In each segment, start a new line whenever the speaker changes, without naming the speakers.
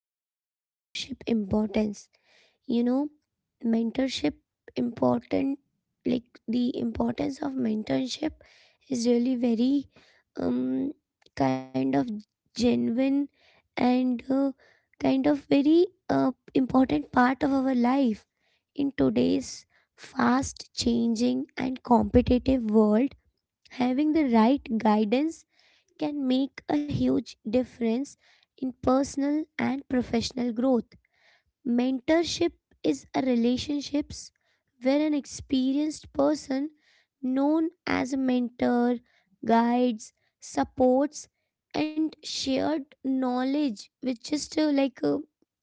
about the mentorship importance. You know, mentorship important like the importance of mentorship is really very um kind of genuine and kind of very uh, important part of our life in today's fast changing and competitive world having the right guidance can make a huge difference in personal and professional growth. Mentorship is a relationships where an experienced person known as a mentor guides, supports and shared knowledge with just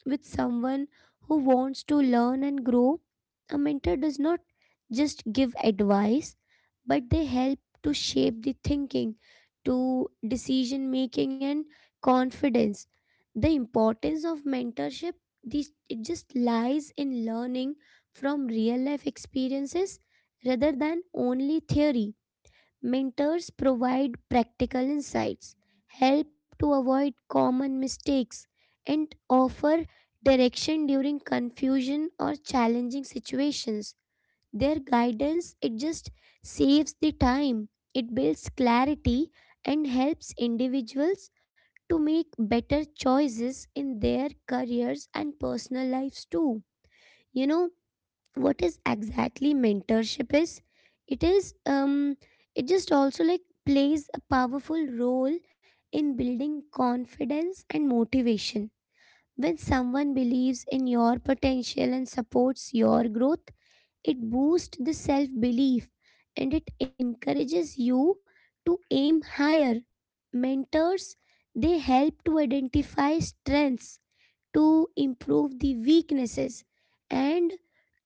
with someone who wants to learn and grow. A mentor does not just give advice but they help to shape the thinking to decision making and confidence. The importance of mentorship this it just lies in learning from real life experiences rather than only theory. Mentors provide practical insights, help to avoid common mistakes, and offer direction during confusion or challenging situations. Their guidance, it just saves the time, it builds clarity and helps individuals to make better choices in their careers and personal lives too. You know what is exactly mentorship is? It is it just also like plays a powerful role in building confidence and motivation. When someone believes in your potential and supports your growth, it boosts the self belief and it encourages you to aim higher. Mentors, they help to identify strengths, to improve the weaknesses, and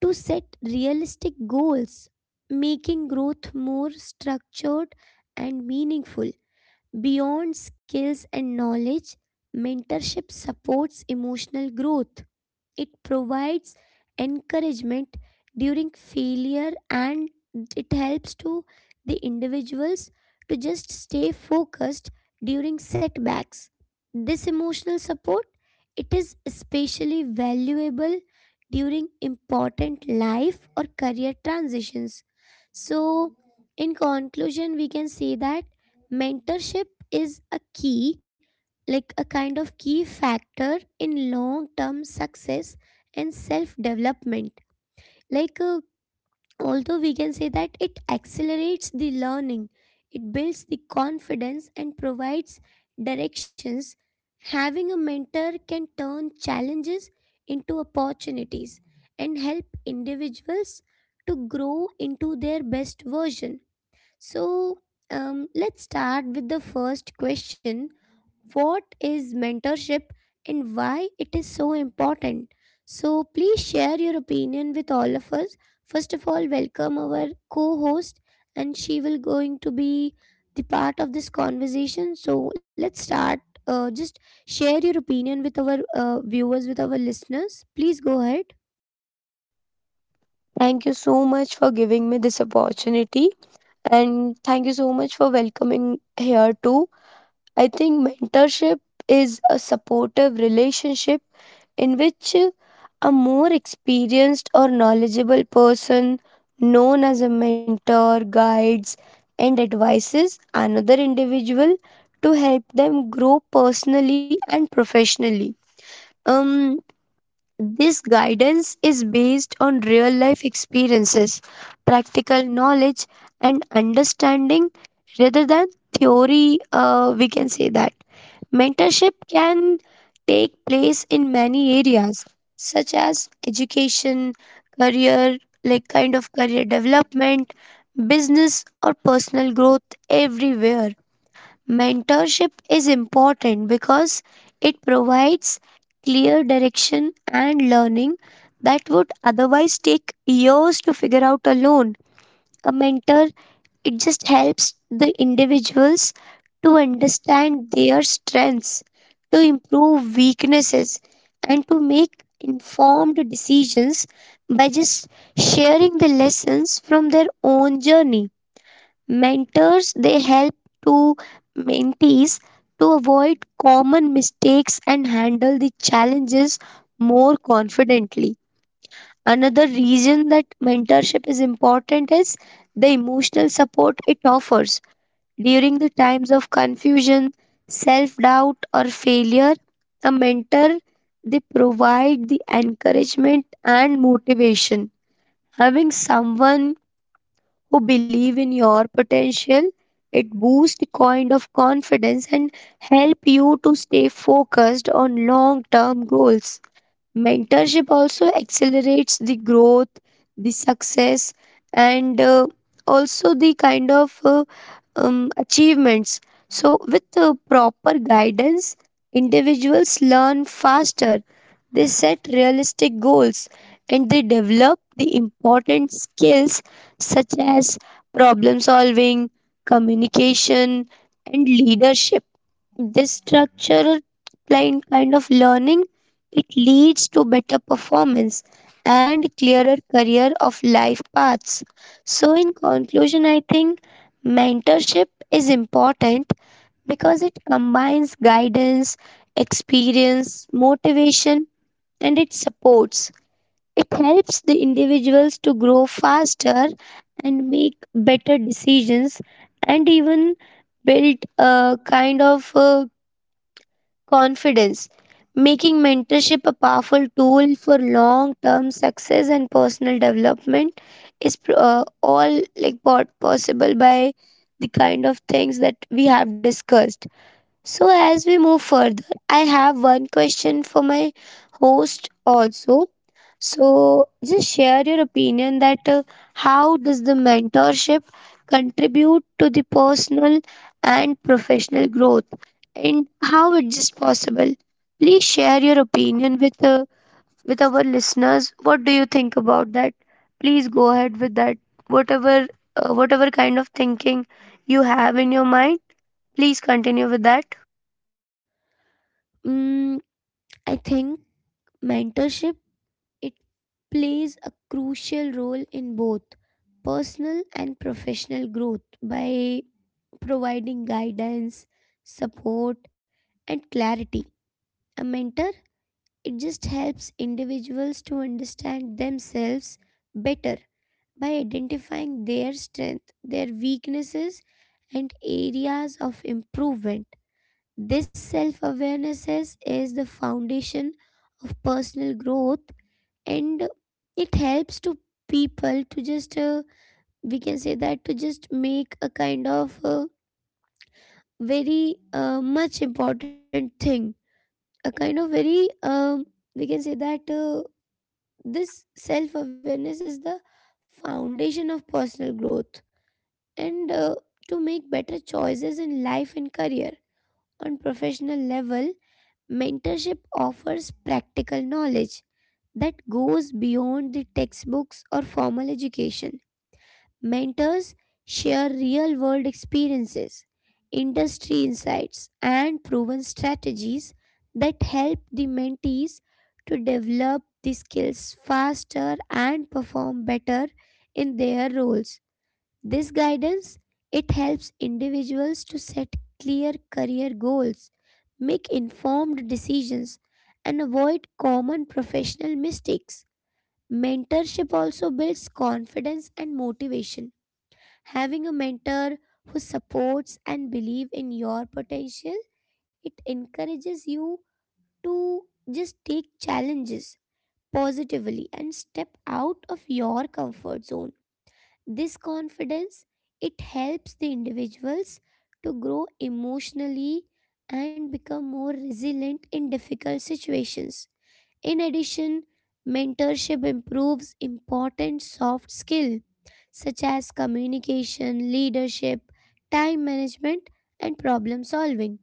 to set realistic goals, making growth more structured and meaningful. Beyond skills and knowledge, mentorship supports emotional growth it provides encouragement during failure and it helps to the individuals to just stay focused during setbacks. This emotional support it is especially valuable during important life or career transitions. So, in conclusion, we can say that mentorship is a key like a kind of key factor in long term success and self development. Like, uh, Although we can say that it accelerates the learning, it builds the confidence and provides directions. Having a mentor can turn challenges into opportunities and help individuals to grow into their best version. So, let's start with the first question what is mentorship and why it is so important. So, please share your opinion with all of us. First of all, welcome our co host, and she will going to be the part of this conversation. So, let's start. Just share your opinion with our viewers, with our listeners. Please go ahead.
Thank you so much for giving me this opportunity and thank you so much for welcoming here too. I think mentorship is a supportive relationship in which a more experienced or knowledgeable person known as a mentor guides and advises another individual to help them grow personally and professionally. Um this guidance is based on real life experiences, practical knowledge, and understanding rather than theory. We can say that mentorship can take place in many areas, such as education, career, like kind of career development, business, or personal growth, everywhere. Mentorship is important because it provides clear direction and learning that would otherwise take years to figure out alone. A mentor, it just helps the individuals to understand their strengths, to improve weaknesses, and to make informed decisions by just sharing the lessons from their own journey. Mentors they help to mentees to avoid common mistakes and handle the challenges more confidently. Another reason that mentorship is important is the emotional support it offers. During the times of confusion, self doubt, or failure, a mentor they provide the encouragement and motivation. Having someone who believe in your potential. It boosts kind of confidence and help you to stay focused on long-term goals. Mentorship also accelerates the growth, the success, and also the kind of achievements. So, with proper guidance, individuals learn faster, they set realistic goals, and they develop the important skills such as problem solving, communication, and leadership. This structural kind of learning it leads to better performance and clearer career of life paths. So in conclusion, I think mentorship is important because it combines guidance, experience, motivation and it supports. It helps the individuals to grow faster and make better decisions and even build a kind of confidence, making mentorship a powerful tool for long term success and personal development is all like what possible by the kind of things that we have discussed. So, as we move further, I have one question for my host also. So, just share your opinion that how does the mentorship contribute to the personal and professional growth and how it is possible? Please share your opinion with our listeners. What do you think about that? Please go ahead with that. Whatever whatever kind of thinking you have in your mind, please continue with that.
Mm, I think mentorship it plays a crucial role in both personal and professional growth by providing guidance, support, and clarity. A mentor, it just helps individuals to understand themselves better by identifying their strength, their weaknesses, and areas of improvement. This self awareness is the foundation of personal growth and it helps to people to just we can say that to just make a kind of very much important thing a kind of very we can say that this self awareness is the foundation of personal growth and to make better choices in life and career on professional level mentorship offers practical knowledge that goes beyond the textbooks or formal education. Mentors share real world experiences, industry insights, and proven strategies that help the mentees to develop the skills faster and perform better in their roles. This guidance it helps individuals to set clear career goals, make informed decisions, and avoid common professional mistakes. Mentorship also builds confidence and motivation. Having a mentor who supports and believes in your potential, it encourages you to just take challenges positively and step out of your comfort zone. This confidence it helps the individuals to grow emotionally and become more resilient in difficult situations. In addition, mentorship improves important soft skills such as communication, leadership, time management, and problem solving.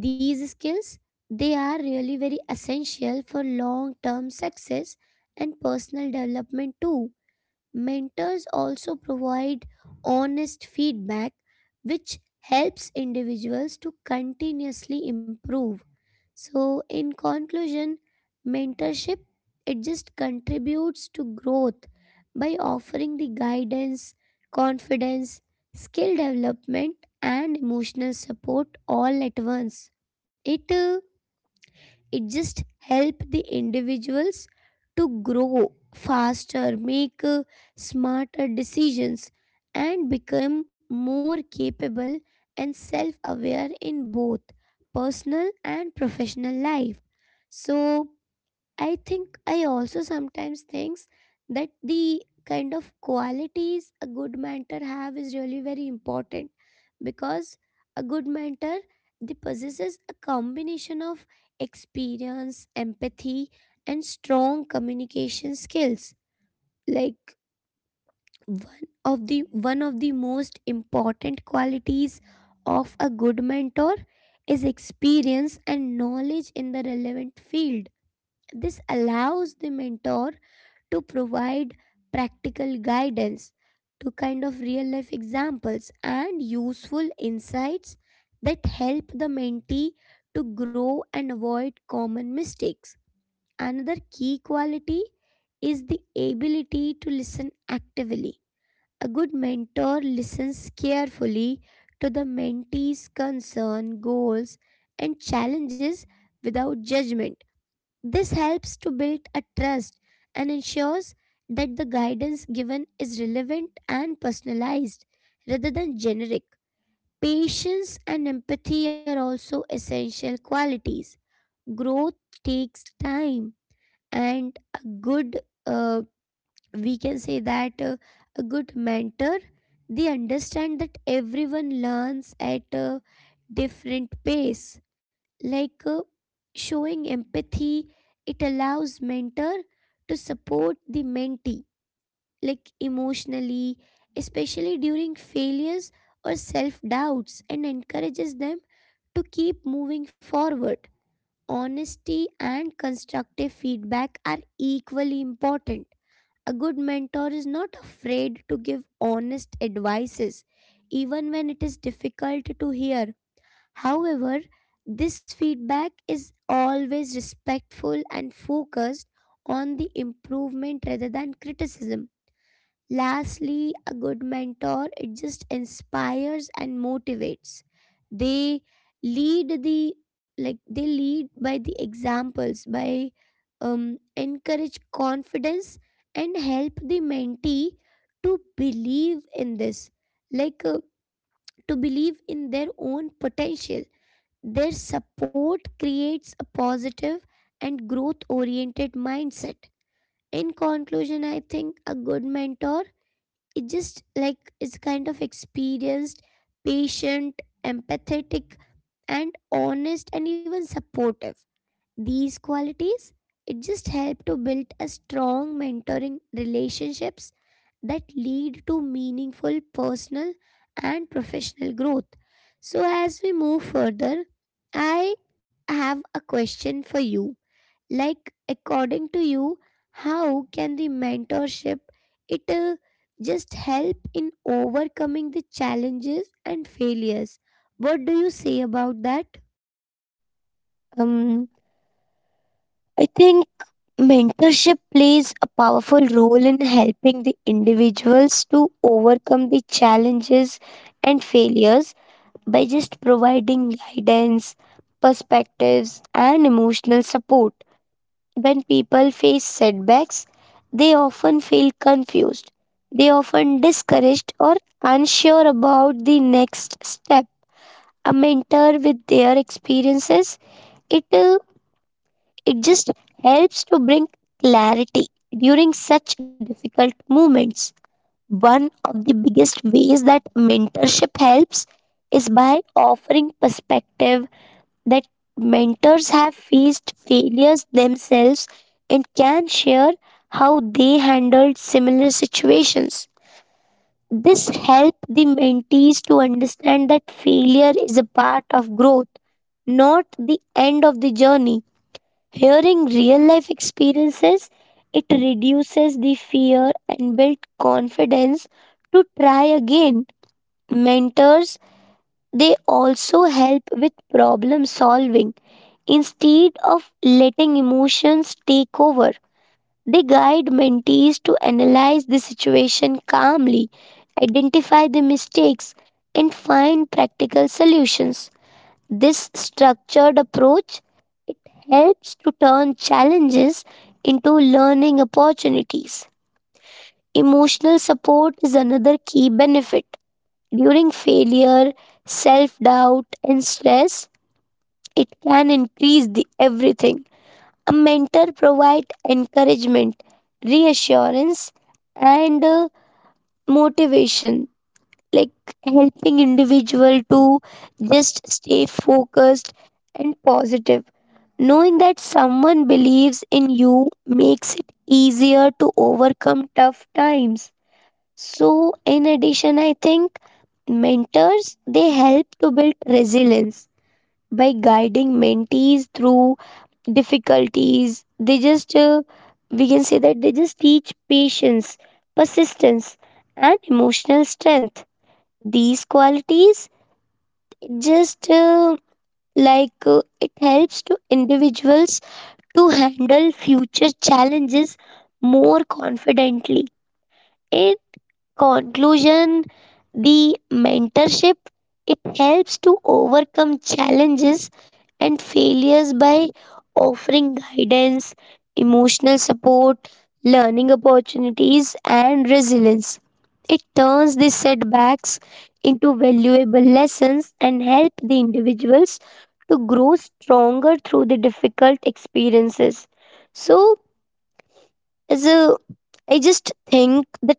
These skills they are really very essential for long-term success and personal development too. Mentors also provide honest feedback which helps individuals to continuously improve. So, in conclusion, mentorship it just contributes to growth by offering the guidance, confidence, skill development and emotional support all at once. It just help the individuals to grow faster make smarter decisions and become more capable and self aware in both personal and professional life. So I think I also sometimes thinks that the kind of qualities a good mentor have is really very important because a good mentor they possesses a combination of experience, empathy and strong communication skills. Like one of the most important qualities of a good mentor is experience and knowledge in the relevant field. This allows the mentor to provide practical guidance to kind of real life examples and useful insights that help the mentee to grow and avoid common mistakes. Another key quality is the ability to listen actively. A good mentor listens carefully to the mentee's concern, goals, and challenges without judgment. This helps to build a trust and ensures that the guidance given is relevant and personalized rather than generic. Patience and empathy are also essential qualities. Growth takes time, and a good, uh, we can say that a good mentor, they understand that everyone learns at different pace. Like uh, Showing empathy, it allows mentor to support the mentee, like emotionally, especially during failures or self doubts, and encourages them to keep moving forward. Honesty and constructive feedback are equally important. A good mentor is not afraid to give honest advices, even when it is difficult to hear. However, this feedback is always respectful and focused on the improvement rather than criticism. Lastly, a good mentor it just inspires and motivates. They lead the like they lead by the examples by encourage confidence and help the mentee to believe in this like to believe in their own potential. Their support creates a positive and growth oriented mindset. In conclusion, I think a good mentor is just like is kind of experienced, patient, empathetic, and honest, and even supportive. These qualities, it just help to build a strong mentoring relationships that lead to meaningful personal and professional growth. So as we move further, I have a question for you. Like according to you, how can the mentorship it just help in overcoming the challenges and failures? What do you say about that?
Um, I think mentorship plays a powerful role in helping the individuals to overcome the challenges and failures by just providing guidance, perspectives, and emotional support. When people face setbacks, they often feel confused. They often discouraged or unsure about the next step. A mentor with their experiences, it uh, It just helps to bring clarity during such difficult moments. One of the biggest ways that mentorship helps is by offering perspective that mentors have faced failures themselves and can share how they handled similar situations. This helps the mentees to understand that failure is a part of growth, not the end of the journey. Hearing real life experiences, it reduces the fear and builds confidence to try again. Mentors, they also help with problem solving. Instead of letting emotions take over, they guide mentees to analyze the situation calmly, identify the mistakes, and find practical solutions. This structured approach it helps to turn challenges into learning opportunities. Emotional support is another key benefit. During failure, self-doubt and stress, it can increase the everything. A mentor provide encouragement, reassurance and motivation, like helping individual to just stay focused and positive. Knowing that someone believes in you makes it easier to overcome tough times. So in addition I think mentors they help to build resilience by guiding mentees through difficulties. They just we can say that they just teach patience, persistence, and emotional strength. These qualities just like it helps to individuals to handle future challenges more confidently. In conclusion, the mentorship it helps to overcome challenges and failures by offering guidance, emotional support, learning opportunities, and resilience. It turns these setbacks into valuable lessons and help the individuals to grow stronger through the difficult experiences. So is a I just think that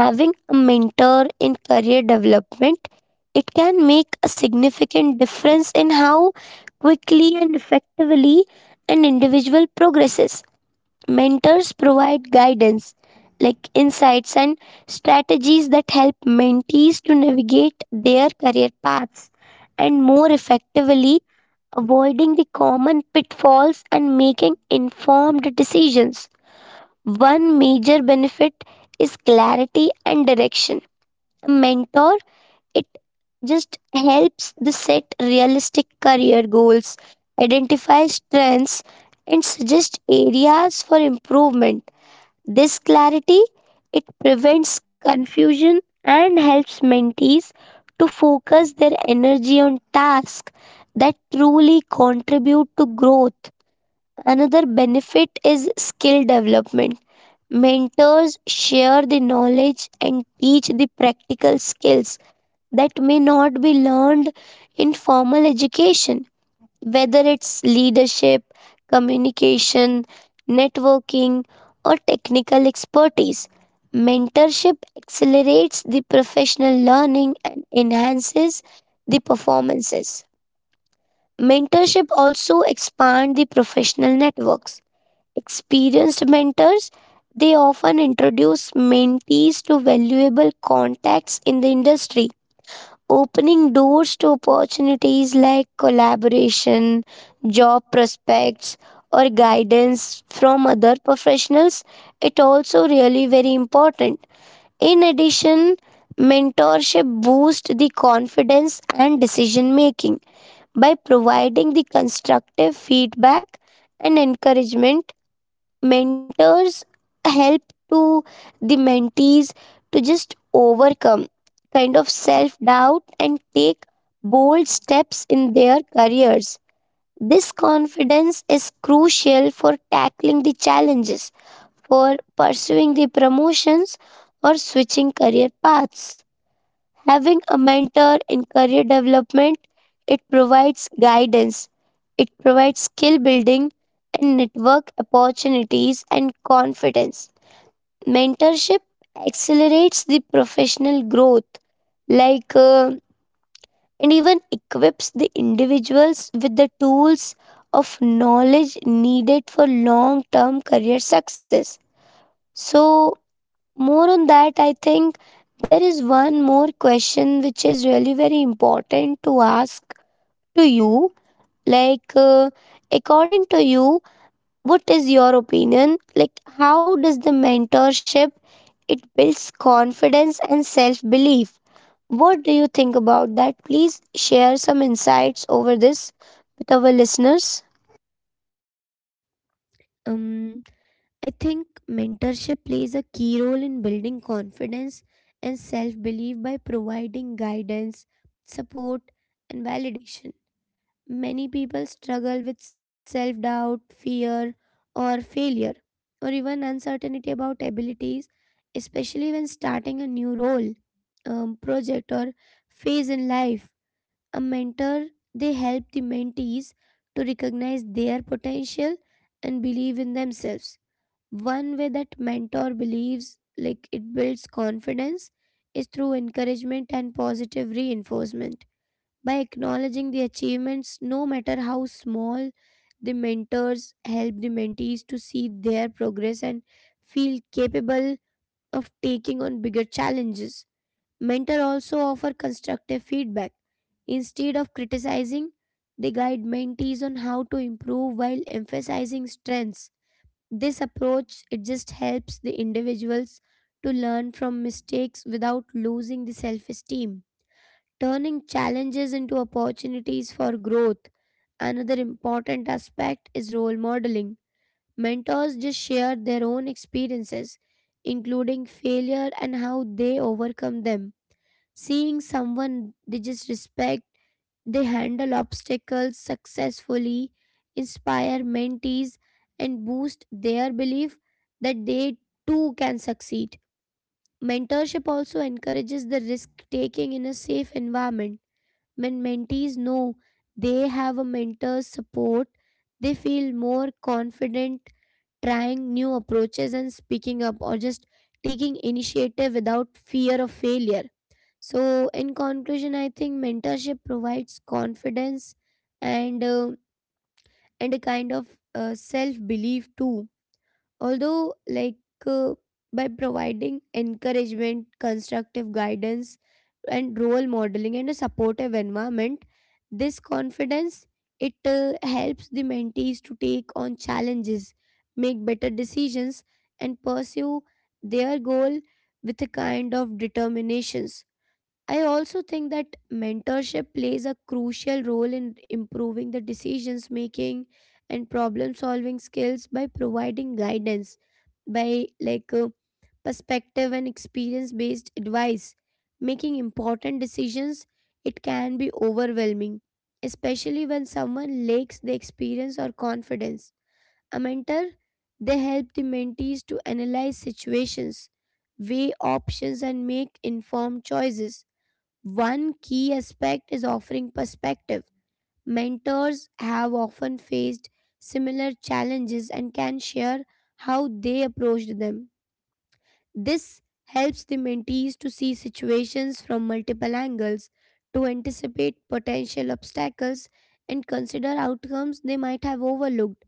having a mentor in career development it can make a significant difference in how quickly and effectively an individual progresses. Mentors provide guidance like insights and strategies that help mentees to navigate their career paths and more effectively avoiding the common pitfalls and making informed decisions. One major benefit is clarity and direction. A mentor, it just helps the set realistic career goals, identify strengths, and suggest areas for improvement. This clarity it prevents confusion and helps mentees to focus their energy on tasks that truly contribute to growth. Another benefit is skill development. Mentors share the knowledge and teach the practical skills that may not be learned in formal education, whether it's leadership, communication, networking, or technical expertise. Mentorship accelerates the professional learning and enhances the performances. Mentorship also expands the professional networks. Experienced mentors, they often introduce mentees to valuable contacts in the industry, opening doors to opportunities like collaboration, job prospects, or guidance from other professionals. It also really very important. In addition, mentorship boosts the confidence and decision making by providing the constructive feedback and encouragement. Mentors help to the mentees to just overcome kind of self doubt and take bold steps in their careers. This confidence is crucial for tackling the challenges, for pursuing the promotions, or switching career paths. Having a mentor in career development, it provides guidance, it provides skill building and network opportunities and confidence. Mentorship accelerates the professional growth, like and even equips the individuals with the tools of knowledge needed for long term career success. So, more on that, I think there is one more question which is really very important to ask to you. Like, according to you, what is your opinion? Like, how does the mentorship it builds confidence and self belief? What do you think about that? Please share some insights over this with our listeners.
Um I think mentorship plays a key role in building confidence and self belief by providing guidance, support, and validation. Many people struggle with self doubt, fear, or failure, or even uncertainty about abilities, especially when starting a new role, project, or phase in life. A mentor, they help the mentees to recognize their potential and believe in themselves. One way that mentor believes like it builds confidence is through encouragement and positive reinforcement. By acknowledging the achievements, no matter how small, the mentors help the mentees to see their progress and feel capable of taking on bigger challenges. Mentor also offer constructive feedback. Instead of criticizing, they guide mentees on how to improve while emphasizing strengths. This approach it just helps the individuals to learn from mistakes without losing the self-esteem, turning challenges into opportunities for growth. Another important aspect is role modeling. Mentors just share their own experiences, including failure and how they overcome them. Seeing someone they just respect they handle obstacles successfully, inspire mentees, and boost their belief that they too can succeed. Mentorship also encourages the risk taking in a safe environment. When mentees know they have a mentor's support, they feel more confident trying new approaches and speaking up or just taking initiative without fear of failure. So, in conclusion, I think mentorship provides confidence and a kind of self belief too. Although, like uh, by providing encouragement, constructive guidance, and role modeling and a supportive environment, this confidence it helps the mentees to take on challenges, make better decisions, and pursue their goal with a kind of determinations. I also think that mentorship plays a crucial role in improving the decisions making and problem solving skills by providing guidance, by perspective and experience based advice. Making important decisions, it can be overwhelming, especially when someone lacks the experience or confidence. A mentor, they help the mentees to analyze situations, weigh options, and make informed choices. One key aspect is offering perspective. Mentors have often faced similar challenges and can share how they approached them. This helps the mentees to see situations from multiple angles, to anticipate potential obstacles, and consider outcomes they might have overlooked.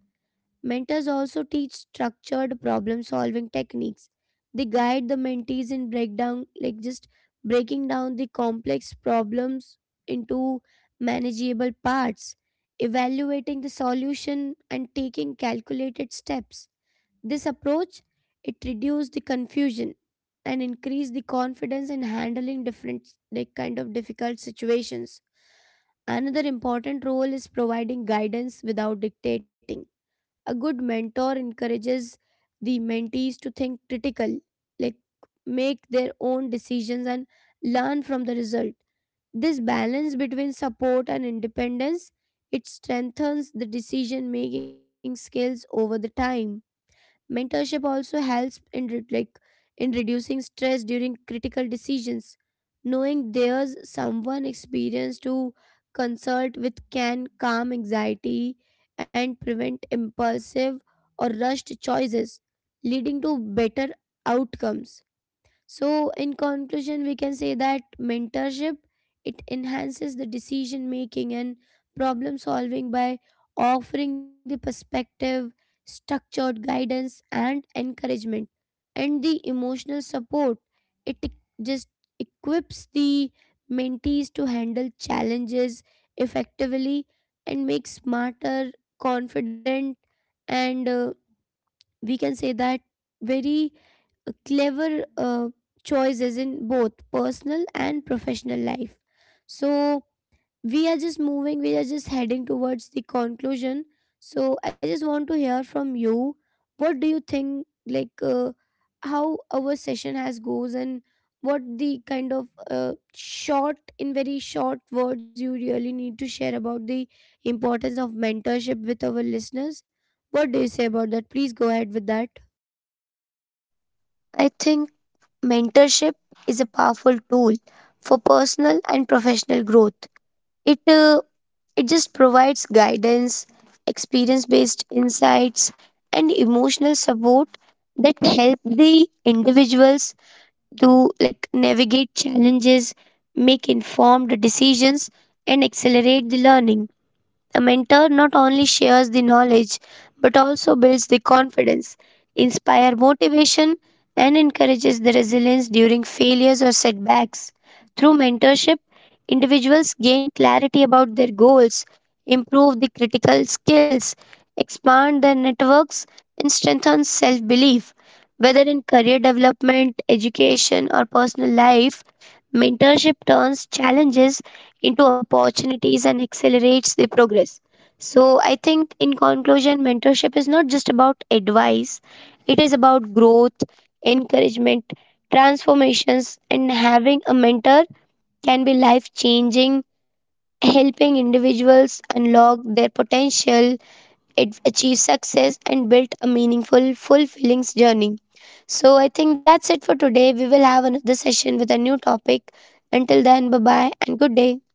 Mentors also teach structured problem solving techniques. They guide the mentees in breakdown, like just breaking down the complex problems into manageable parts, evaluating the solution, and taking calculated steps. This approach it reduces the confusion and increase the confidence in handling different like kind of difficult situations. Another important role is providing guidance without dictating. A good mentor encourages the mentees to think critical like make their own decisions and learn from the result. This balance between support and independence it strengthens the decision making skills over the time. Mentorship also helps in in reducing stress during critical decisions. Knowing there's someone experienced to consult with can calm anxiety and prevent impulsive or rushed choices, leading to better outcomes. So, in conclusion, we can say that mentorship it enhances the decision making and problem solving by offering the perspective, structured guidance, and encouragement, and the emotional support. It e- just equips the mentees to handle challenges effectively and make smarter, confident, and we can say that very clever choices in both personal and professional life. So we are just heading towards the conclusion. So I just want to hear from you. What do you think, how our session has goes and what the kind of short, in very short words, you really need to share about the importance of mentorship with our listeners? What do you say about that? Please go ahead with that.
I think mentorship is a powerful tool for personal and professional growth. It uh, It just provides guidance, experience based insights, and emotional support that help the individuals to like navigate challenges, make informed decisions, and accelerate the learning. A mentor not only shares the knowledge but also builds the confidence, inspires motivation, and encourages the resilience during failures or setbacks. Through mentorship, individuals gain clarity about their goals, improve the critical skills, expand their networks, and strengthen self belief. Whether in career development, education, or personal life, mentorship turns challenges into opportunities and accelerates the progress. So, I think in conclusion, mentorship is not just about advice, it is about growth, encouragement, transformations, and having a mentor can be life changing, helping individuals unlock their potential, achieve success, and build a meaningful, fulfilling journey. So, I think that's it for today. We will have another session with a new topic. Until then, bye bye and good day.